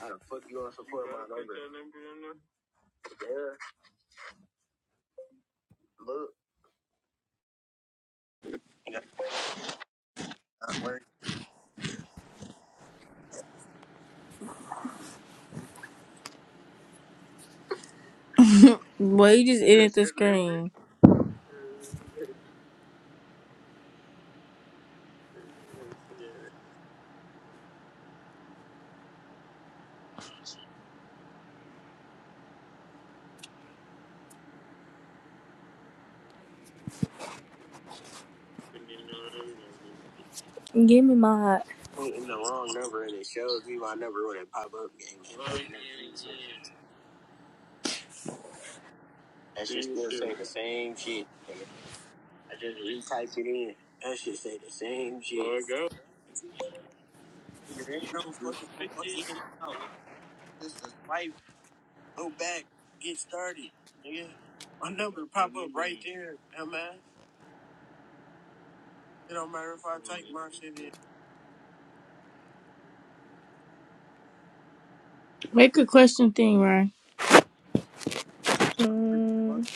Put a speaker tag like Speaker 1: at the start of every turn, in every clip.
Speaker 1: How the fuck you gonna support my number? Yeah, look, I'm wearing Well, you just edit the screen.
Speaker 2: Give me my. heart.
Speaker 1: hitting the wrong number and it shows me my number when it pop up. Gang, gang, gang, That shit still say the same shit. nigga. I just retype it in. That shit say the same shit. There you go. There ain't no fucking fucking out. This is life. Go back. Get started, nigga. My number pop up right there, huh, man. It don't matter if I type my shit in. Make a question thing, Ryan.
Speaker 2: Mm,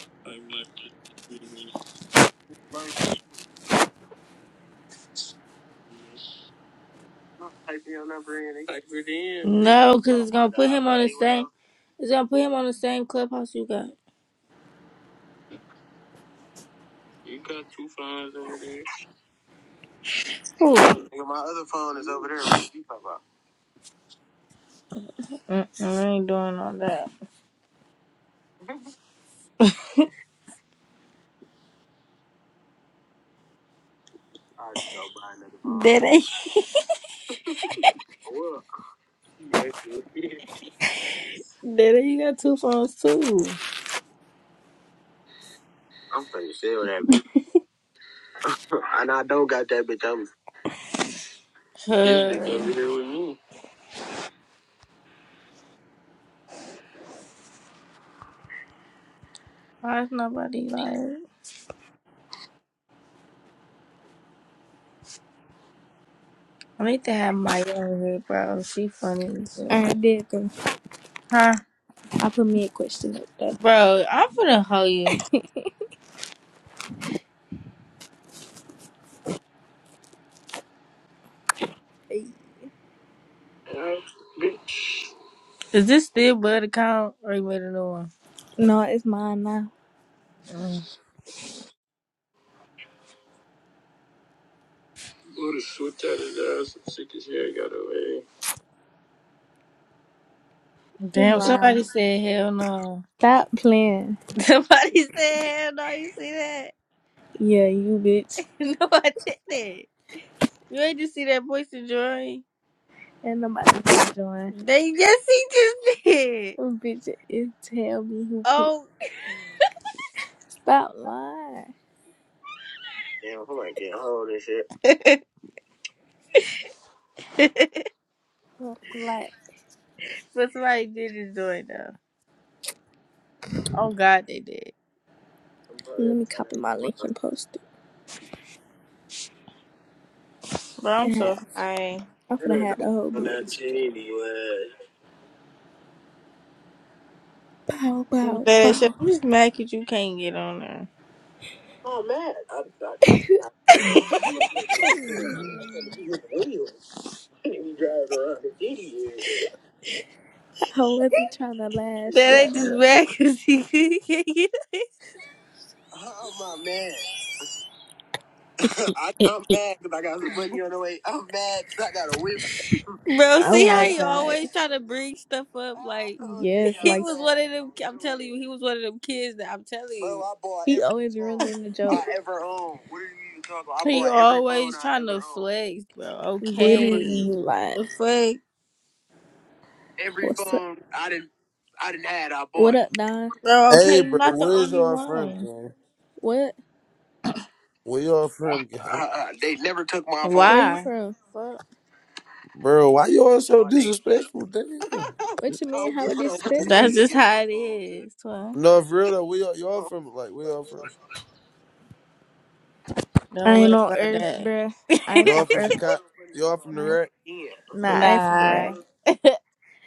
Speaker 1: No, because it's gonna put him on the same. It's gonna put him on the same clubhouse you got. Who? Mm-mm, I ain't doing all that. Daddy, Daddy, you got two phones too. Huh. Why is nobody like? I need to have my own here, bro. She funny, as
Speaker 2: all
Speaker 1: hell.
Speaker 2: right, there it go.
Speaker 1: huh?
Speaker 2: I put me a question up there.
Speaker 1: Bro, I'm finna hoe you. Is this still Bud account or you made a new one?
Speaker 2: No, it's mine now.
Speaker 1: Mm. Buddha swooped out his ass and took his hair got away.
Speaker 2: You
Speaker 1: Damn, somebody
Speaker 2: lying.
Speaker 1: said hell no.
Speaker 2: Stop playing.
Speaker 1: Somebody said hell no. You see that?
Speaker 2: Yeah, you bitch.
Speaker 1: No, I didn't. You ain't just see that voice and joy.
Speaker 2: Ain't nobody can join.
Speaker 1: They yes, he just did.
Speaker 2: Oh, bitch, it tell me who picked.
Speaker 1: Oh,
Speaker 2: Stop lying.
Speaker 1: Damn! Who ain't getting hold of this shit?
Speaker 2: Like,
Speaker 1: But somebody did enjoy it though. Oh God, they did. I'm probably
Speaker 2: let me
Speaker 1: gonna try that
Speaker 2: copy my
Speaker 1: for
Speaker 2: link and
Speaker 1: my-
Speaker 2: post it.
Speaker 1: But I'm
Speaker 2: And
Speaker 1: so
Speaker 2: have,
Speaker 1: high.
Speaker 2: I'm
Speaker 1: I
Speaker 2: gonna
Speaker 1: don't know
Speaker 2: have the whole
Speaker 1: on that
Speaker 2: BH join.
Speaker 1: Trinity was.
Speaker 2: Bow, bow,
Speaker 1: But so
Speaker 2: bow.
Speaker 1: I'm just mad mad 'cause you can't get on there. Oh, I'm mad. I, I, I, don't know what I'm saying. Like, I'm gonna be with the radio. I need to be driving around the city.
Speaker 2: I wasn't trying to lash
Speaker 1: That ain't just mad 'cause he he can't get on. Oh, my man. I, I'm
Speaker 2: up.
Speaker 1: mad because I got some money on the way. I'm I mad because I got a whip. Bro,
Speaker 2: Oh
Speaker 1: see how
Speaker 2: my
Speaker 1: you
Speaker 2: god.
Speaker 1: always try to bring stuff up? Like
Speaker 2: Yes,
Speaker 1: he
Speaker 2: like
Speaker 1: was one of them. I'm telling you, he was one of them kids that I'm telling you. I I bought
Speaker 2: He
Speaker 1: every
Speaker 2: always
Speaker 1: phone
Speaker 2: ruining the
Speaker 1: I
Speaker 2: joke.
Speaker 1: ever owned. What Are you even talking about? I He bought every always phone I trying to ever owned. flex, bro. Okay,
Speaker 2: Literally,
Speaker 1: What
Speaker 2: like,
Speaker 1: the fuck, Every
Speaker 2: what's up?
Speaker 1: phone I didn't, I didn't had, I
Speaker 2: What
Speaker 1: bought.
Speaker 2: up, Don?
Speaker 1: bro.
Speaker 3: Hey,
Speaker 1: Okay, you're
Speaker 3: bro,
Speaker 1: not the
Speaker 3: where's
Speaker 1: only
Speaker 3: y'all from,
Speaker 1: one.
Speaker 3: gang?
Speaker 2: What?
Speaker 3: Where y'all from, gang?
Speaker 1: Uh, They never took my phone.
Speaker 2: Where you
Speaker 1: Why?
Speaker 2: from?
Speaker 1: Fuck.
Speaker 3: Bro, why y'all so
Speaker 1: Y'all niggas.
Speaker 3: disrespectful? Damn.
Speaker 2: What you
Speaker 1: I
Speaker 2: mean?
Speaker 1: don't
Speaker 2: How
Speaker 1: give
Speaker 2: it
Speaker 1: a fuck.
Speaker 2: disrespectful?
Speaker 1: That's just how it is, twin.
Speaker 3: No, for real though, where y'all, y'all from? Like, where y'all from?
Speaker 2: I
Speaker 1: Don't
Speaker 2: ain't
Speaker 1: worry
Speaker 2: on
Speaker 1: about
Speaker 2: Earth,
Speaker 1: that.
Speaker 2: bruh. I ain't
Speaker 3: Y'all
Speaker 2: from
Speaker 3: from
Speaker 2: Earth.
Speaker 3: Chicago? Y'all from the
Speaker 2: I ain't.
Speaker 3: rack?
Speaker 2: Nah, I ain't from the
Speaker 1: nah.
Speaker 2: rack.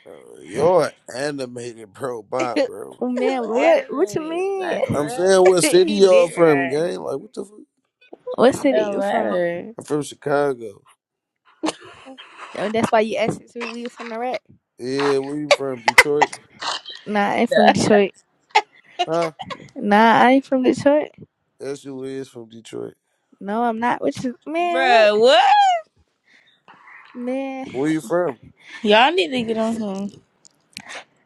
Speaker 3: Bro, y'all animated, bro. Bye, bro.
Speaker 2: Oh
Speaker 1: Who
Speaker 2: man, what? What you
Speaker 1: animated? Like
Speaker 2: mean?
Speaker 3: I'm
Speaker 1: what?
Speaker 3: saying, what city
Speaker 1: he
Speaker 3: y'all
Speaker 1: did
Speaker 3: from,
Speaker 1: right.
Speaker 3: gang? Like, what the fuck?
Speaker 2: What
Speaker 1: It
Speaker 2: city
Speaker 1: don't
Speaker 2: you from?
Speaker 1: matter.
Speaker 3: I'm from Chicago.
Speaker 2: Oh, that's why you asked if we was from the rack.
Speaker 3: Yeah, where you from? Detroit?
Speaker 2: Nah, I ain't from Detroit.
Speaker 3: Huh?
Speaker 2: Nah, I ain't from Detroit.
Speaker 3: That's who is from Detroit.
Speaker 2: No, I'm not. What you? Man, what?
Speaker 1: Bruh, what?
Speaker 2: Man,
Speaker 3: Where you from?
Speaker 1: Y'all need to get on him.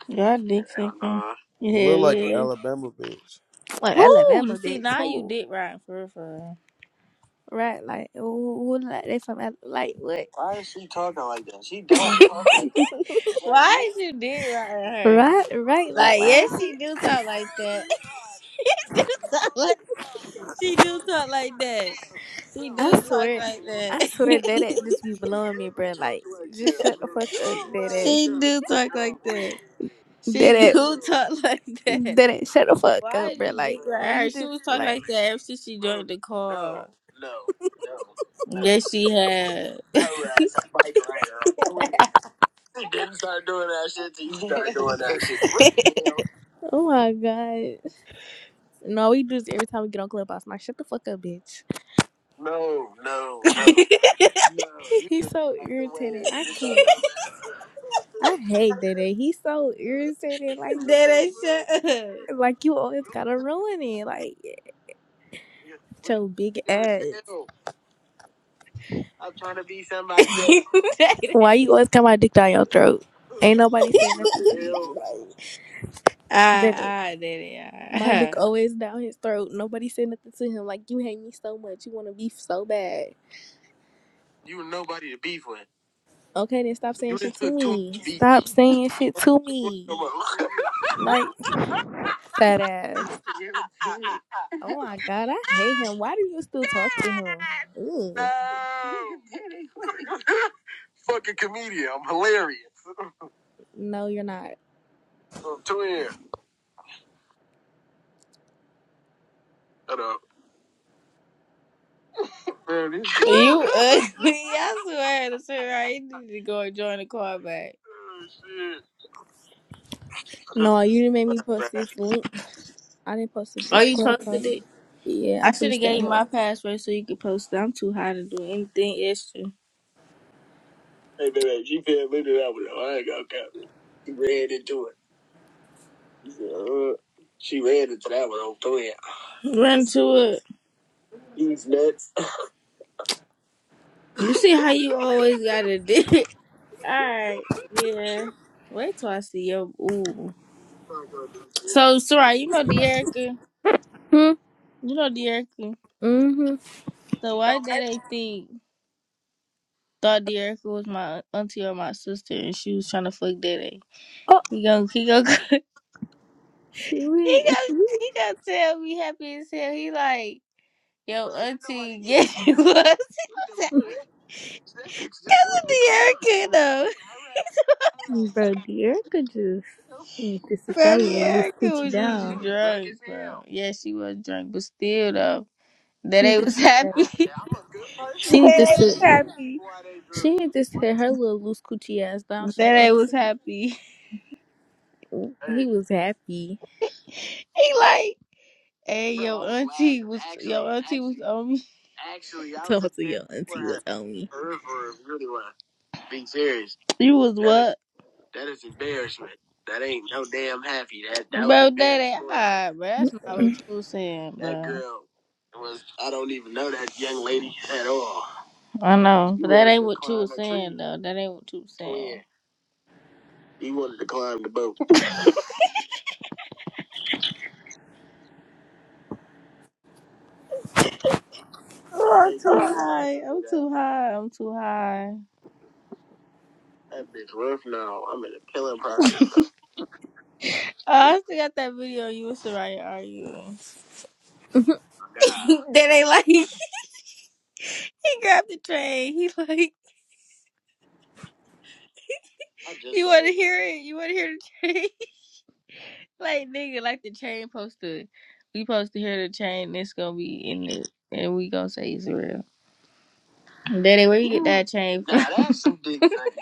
Speaker 1: Y'all dick sucking. Hell
Speaker 3: You look like an
Speaker 1: yeah.
Speaker 3: Alabama bitch.
Speaker 2: like
Speaker 1: Who?
Speaker 2: Alabama,
Speaker 1: See,
Speaker 2: bitch.
Speaker 1: now you
Speaker 2: Who?
Speaker 1: dick riding for real, for real.
Speaker 2: Right? Like, who? who like they from? Al- Like, what?
Speaker 1: Why is she talking like that? She don't talk like that. Why is you dick riding her?
Speaker 2: Right, right. Like,
Speaker 1: Like,
Speaker 2: why
Speaker 1: yes,
Speaker 2: is he?
Speaker 1: she do talk like that. She do talk like She do talk like that. She do
Speaker 2: I
Speaker 1: talk
Speaker 2: swear,
Speaker 1: like that.
Speaker 2: I swear that it just be blowing me, bro. Like, just shut the fuck up, that it,
Speaker 1: she do talk like that. She
Speaker 2: that it,
Speaker 1: do talk like that.
Speaker 2: that it. Shut the fuck
Speaker 1: Why
Speaker 2: up, bro.
Speaker 1: you dick
Speaker 2: Like,
Speaker 1: ride her?
Speaker 2: you
Speaker 1: She was
Speaker 2: just
Speaker 1: talking
Speaker 2: like,
Speaker 1: like that ever since she joined the call. No, no. Yes, she had. She didn't start doing that shit till you started doing that shit. What the hell?
Speaker 2: oh my god. No, we do this every time we get on Clubhouse. I'm Like, shut the fuck up, bitch.
Speaker 1: No, no, no. No, you
Speaker 2: He's
Speaker 1: just
Speaker 2: so
Speaker 1: like the
Speaker 2: irritating. I can't.
Speaker 1: way.
Speaker 2: I hate that. it. He's so irritating. Like,
Speaker 1: That ain't shut up.
Speaker 2: like you always gotta ruin it. Like, your big ass.
Speaker 1: Alright,
Speaker 2: Why you always got my dick down your throat? Ain't nobody saying nothing to you. like, Baby,
Speaker 1: alright, daddy,
Speaker 2: my dick
Speaker 1: alright.
Speaker 2: always down his throat. Nobody said nothing to him. Like you hate me so much, you want to beef so bad.
Speaker 1: You were nobody to beef with.
Speaker 2: Okay, then stop
Speaker 1: You
Speaker 2: saying
Speaker 1: done
Speaker 2: shit to
Speaker 1: took too
Speaker 2: me.
Speaker 1: much beef.
Speaker 2: Stop saying shit to
Speaker 1: Come
Speaker 2: me.
Speaker 1: on.
Speaker 2: Like fat ass. Oh my god, I hate him. Why do you still talk to him? Ugh.
Speaker 1: No. Fucking comedian. I'm I'm hilarious.
Speaker 2: No, you're not.
Speaker 1: I'm twin. Shut up. man. this shit- You ugly. I swear to swear, I need to go and join the car back. Oh, shit. I just
Speaker 2: No, you didn't make me post
Speaker 1: laughed.
Speaker 2: this link. I didn't post it
Speaker 1: Oh,
Speaker 2: this
Speaker 1: you
Speaker 2: club
Speaker 1: posted
Speaker 2: post.
Speaker 1: it?
Speaker 2: Yeah,
Speaker 1: I
Speaker 2: I'm
Speaker 1: should
Speaker 2: finna
Speaker 1: have
Speaker 2: stay
Speaker 1: gave
Speaker 2: on
Speaker 1: you
Speaker 2: her.
Speaker 1: my password so you could post it. I'm too high to do anything extra. Hey, baby, she fed me to that one, though. I ain't gonna count. She ran into it. She, said, uh, she ran into that one on three. Run to it. These nuts. You see how you always got a dick. Alright, yeah. Wait till I see your ooh. So Soraya, you know Deerica?
Speaker 2: Hmm.
Speaker 1: You know Deerica.
Speaker 2: Mm-hmm.
Speaker 1: So why Daddy think thought Deerica was my auntie or my sister and she was trying to fuck Daddy?
Speaker 2: Oh
Speaker 1: He gon' he gon'
Speaker 2: she
Speaker 1: He
Speaker 2: really.
Speaker 1: got he got tell me happy as hell. He like, yo, auntie, yeah, he was. That's what the Erica though.
Speaker 2: Bro, the Erica just need to sit that
Speaker 1: Bro, the
Speaker 2: little loose
Speaker 1: Erica
Speaker 2: coochie
Speaker 1: was just
Speaker 2: down.
Speaker 1: drunk, bro. Yeah, she was drunk, but still though. That
Speaker 2: She
Speaker 1: they
Speaker 2: need to
Speaker 1: was
Speaker 2: sit
Speaker 1: happy.
Speaker 2: that.
Speaker 1: that
Speaker 2: She need to
Speaker 1: they
Speaker 2: sit.
Speaker 1: was happy.
Speaker 2: She need to sit her little loose coochie ass down.
Speaker 1: That
Speaker 2: She
Speaker 1: they
Speaker 2: old as
Speaker 1: was happy.
Speaker 2: hell. He was happy.
Speaker 1: He like Hey, your auntie wow, was actually, your auntie was actually- on me. Actually, I was
Speaker 2: Talking
Speaker 1: up
Speaker 2: to
Speaker 1: there
Speaker 2: your
Speaker 1: for
Speaker 2: auntie
Speaker 1: her.
Speaker 2: was on me.
Speaker 1: For her, for her, really was. Being serious. You was That is- what? Is, that is embarrassment. That ain't no damn happy. That that bro, was that ain't all right, bro. That's not what
Speaker 2: Look,
Speaker 1: you was saying, bro. That girl was. I don't even know that young lady at all. I know, but that ain't what you was saying, though. That ain't what you was saying. Yeah, he wanted to climb the boat. Oh, I'm too high. I'm too high. I'm too high. That bitch rough now. I'm in a pillow pocket. Oh, I still got that video of you and Soraya arguing. My then they like he grabbed the train. He like you want to hear it? You want to hear the train? like nigga, like the train posted. We supposed to hear the train. It's gonna be in it, and we gonna say it's real. Daddy, where you get that chain Nah, from? Nah, that's some dick sucking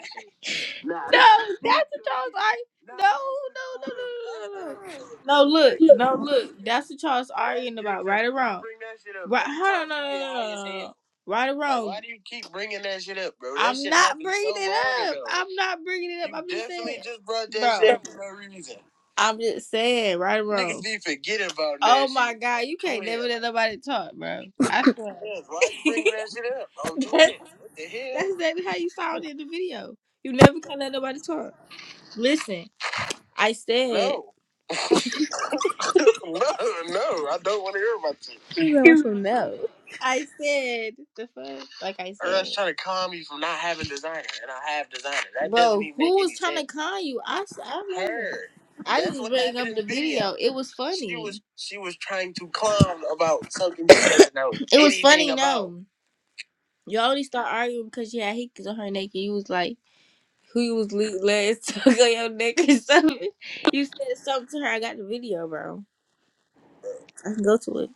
Speaker 1: No, that's what Charles. I no, no, no, no, no, no. No, look, no, look. That's what Charles arguing about. Right or wrong? Right? Hold on, no, no, no, no, no. no. Right or wrong? Why do you keep bringing that shit up, bro? I'm not bringing it up. I'm not bringing it up. I'm just saying, bro. I'm just saying, right or wrong. Niggas be forget about that. oh my shit. god, you can't never let nobody talk, bro. I swear. Yes, why you bring that shit up? I'm doing it. What the hell? That's exactly how you sound in the video. You never can let nobody talk. Listen, I said, No, no, no. I don't want to hear about you.
Speaker 2: He's like, so some no.
Speaker 1: I said the fuck, like I Or said, that's trying to calm you from not having designer, and I have designer. That doesn't bro. even make Who make was any trying to sense. con you? I s- I wasn't. Her. I That's just what bring happened up happened in the the video. video. It was funny. She was she was trying to clown about something she doesn't know It was anything funny. anything about. No, you only start arguing because you had hickeys on her naked. You was like. who you was le- letting suck on your neck or something. You said something to her. I got the video, bro. I can go to it.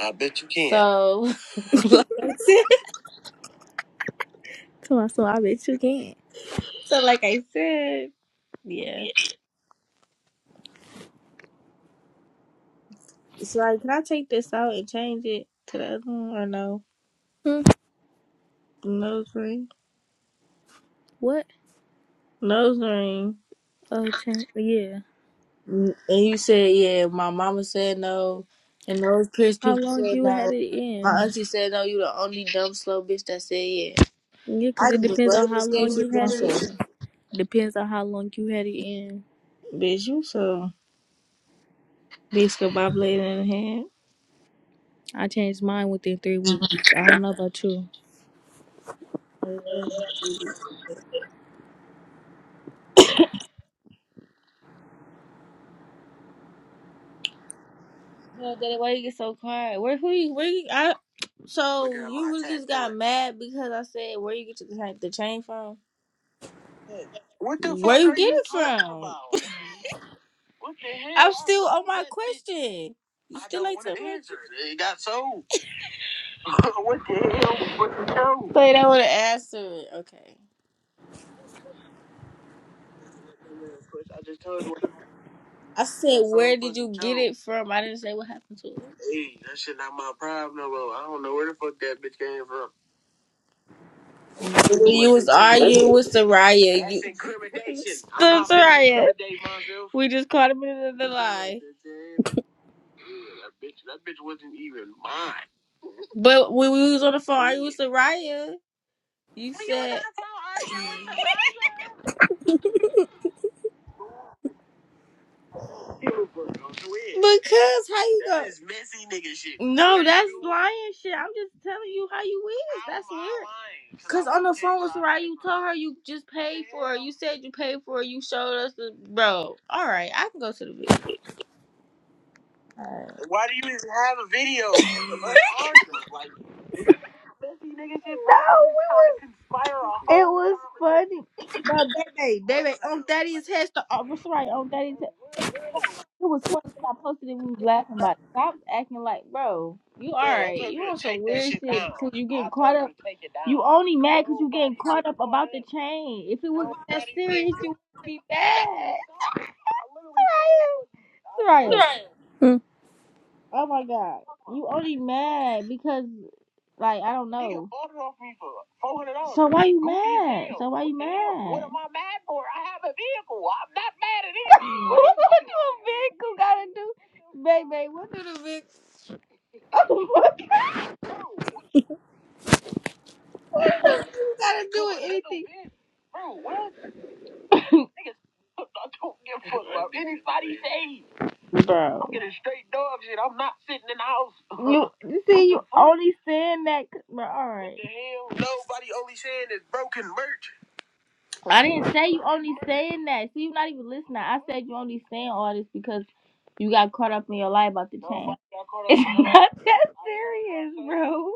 Speaker 1: I bet you can. So, like I said,
Speaker 2: Tell my "So I bet you can.
Speaker 1: so like I said, yeah. So, like, can I take this out and change it to the other one or no?
Speaker 2: Hmm,
Speaker 1: Nose ring,
Speaker 2: What?
Speaker 1: nose ring.
Speaker 2: Oh, chan- yeah.
Speaker 1: Mm, And you said, yeah. My mama said no, and those pierced
Speaker 2: How
Speaker 1: people
Speaker 2: long
Speaker 1: said
Speaker 2: you had
Speaker 1: no.
Speaker 2: it in?
Speaker 1: My auntie said no. You the only dumb slow bitch that said yeah.
Speaker 2: Yeah,
Speaker 1: I
Speaker 2: 'cause it
Speaker 1: was
Speaker 2: depends on
Speaker 1: waiting to
Speaker 2: how
Speaker 1: see what
Speaker 2: long you
Speaker 1: you
Speaker 2: had
Speaker 1: was
Speaker 2: it
Speaker 1: gonna say,
Speaker 2: in. Depends on how long you had it in.
Speaker 1: bitch. You so. Biscuit with my blade in the hand.
Speaker 2: I changed mine within three weeks. I don't know about you.
Speaker 1: No, Daddy, why you get so quiet? Where who you where you I so you really just got mad because I said where you get your, cha- the chain from? What the fuck Where you are get you it talking from? about? What the hell? I'm still on my question. You I still don't ain't to answer. it. It got sold. what the hell? What the hell? Wait, I want to answer it. Okay. I just told you. I said, That's where did you get it from? I didn't say what happened to it. Hey, that shit not my problem, no bro. I don't know where the fuck that bitch came from. When you was arguing with Soraya. That's you... incrimination. I'm not finna Soraya. incriminate myself. We just caught him in the lie. That bitch, that bitch wasn't even mine. But when we was on the phone, I was Soraya. You said. Because how you go? That is messy nigga shit. No, that's lying shit. I'm just telling you how you is. that's weird. 'Cause Cause on the phone with Soraya, you told her you just paid for it. You said you paid for it. You showed us the bro. All right, I can go to the video. Alright. Why do you even have a video? Like, no, we was. It was funny. No, baby, baby, on daddy's Thaddeus Hester, on right on daddy's head? It was funny when I posted it. We was laughing about. It. Stop acting like, bro, you alright? You on some take weird shit because you getting caught up. You only mad because you getting caught up about the chain. If it was that serious, you would be mad. I Right?
Speaker 2: Hmm.
Speaker 1: Oh my god. You only mad because like I don't know. Nigga ordered off me for four hundred dollars. So why you mad? So why you mad? what am I mad for? I have a vehicle. I'm not mad for? do a vehicle gotta do? Baby, what do the vehicle Oh my god. what do the vehicle gotta do with anything? Bro, what? I don't give a fuck about anybody's age. bro. I'm getting straight dog shit. I'm not sitting in the house. You you see, you only saying that, c- bro. All right. What right, the hell? Nobody only saying is broken merch. I didn't say you only saying that. See, you're not even listening. I said you only saying all this because you got caught up in your lie about the chain. It's not that serious, bro.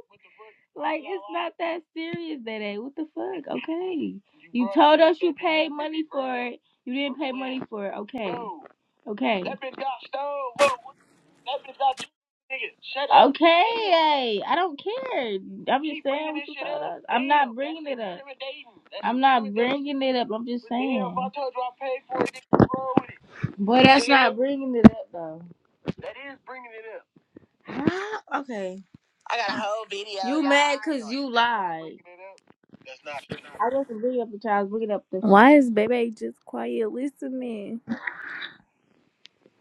Speaker 1: Like it's not that serious, that ain't. What the fuck? Okay. You told us you paid money for it. You didn't pay money for it. Okay. Okay. That bitch got two niggas. Shut up. Okay, I don't care. I'm just Keep saying bringing what this you shit thought up. of. I'm not Damn, that bringing shit it up. irritating. That I'm not irritating. bringing it up. I'm just But damn, if I saying. told you I paid for it, nigga, you roll with it. Boy, that's Nigga, not bringing it up though. that is bringing it up. Ah, okay. I got a whole video, You y'all. mad cause gonna you do That's lied. bringing it up. That's not bringing it I up. wasn't bringing up the child. I was Bringing up the
Speaker 2: Why is baby just quiet listening?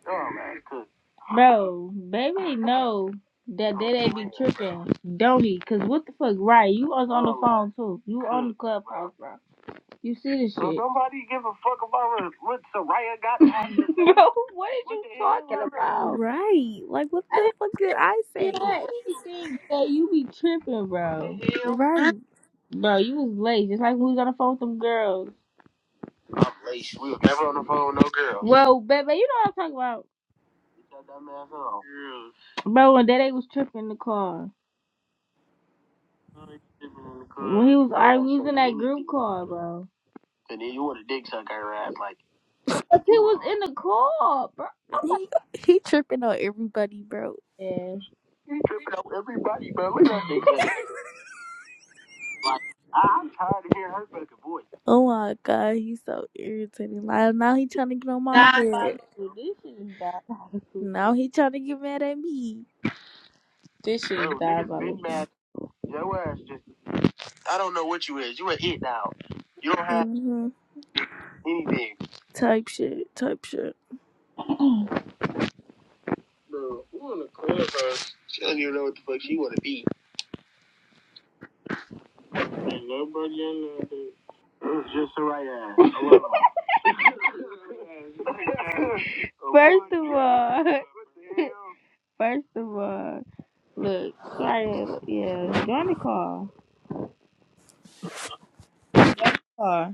Speaker 1: Oh man, cool. Bro, baby know that they they be tripping, don't he? Cause what the fuck, right? You was on the Oh phone too. You on cool. the man, clubhouse, bro. You see this cool. Don't shit, nobody give a fuck about what, what Soraya got on the bro? say. what are What you the talking man? about?
Speaker 2: Right. Like what
Speaker 1: I
Speaker 2: the fuck did
Speaker 1: didn't
Speaker 2: I say? I
Speaker 1: hear anything that you be tripping, What the bro. the
Speaker 2: didn't
Speaker 1: hell?
Speaker 2: Right.
Speaker 1: Bro, you was late, just like we was on the phone with them girls. I'm late. We was never on the phone with no girl. Well, baby, you know what I'm talking about. Bro, when Daddy was tripping in the car. When he was arguing, in that group car, bro. And Then you want a dick sucker, right? like. But he was in the car, bro.
Speaker 2: He he tripping on everybody, bro.
Speaker 1: Yeah. You tripping on everybody, bro. Look at that dick sucker. like I'm tired of hearing her fucking voice.
Speaker 2: oh my god, he's so irritating. Like now he trying to get on my head.
Speaker 1: Diabolical. This shit is diabolical.
Speaker 2: Now he trying to get mad at me.
Speaker 1: This shit is diabolical. Bro, your ass just, I don't know what you is. You are it now. You don't have
Speaker 2: hmm
Speaker 1: anything.
Speaker 2: Type shit. Type shit.
Speaker 1: Bro, who in the clubhouse? She don't even know what the fuck she want to be. Ain't nobody in there, dude. It was just a right ass. First of all, first of all, look, sorry, yeah, join the call. car.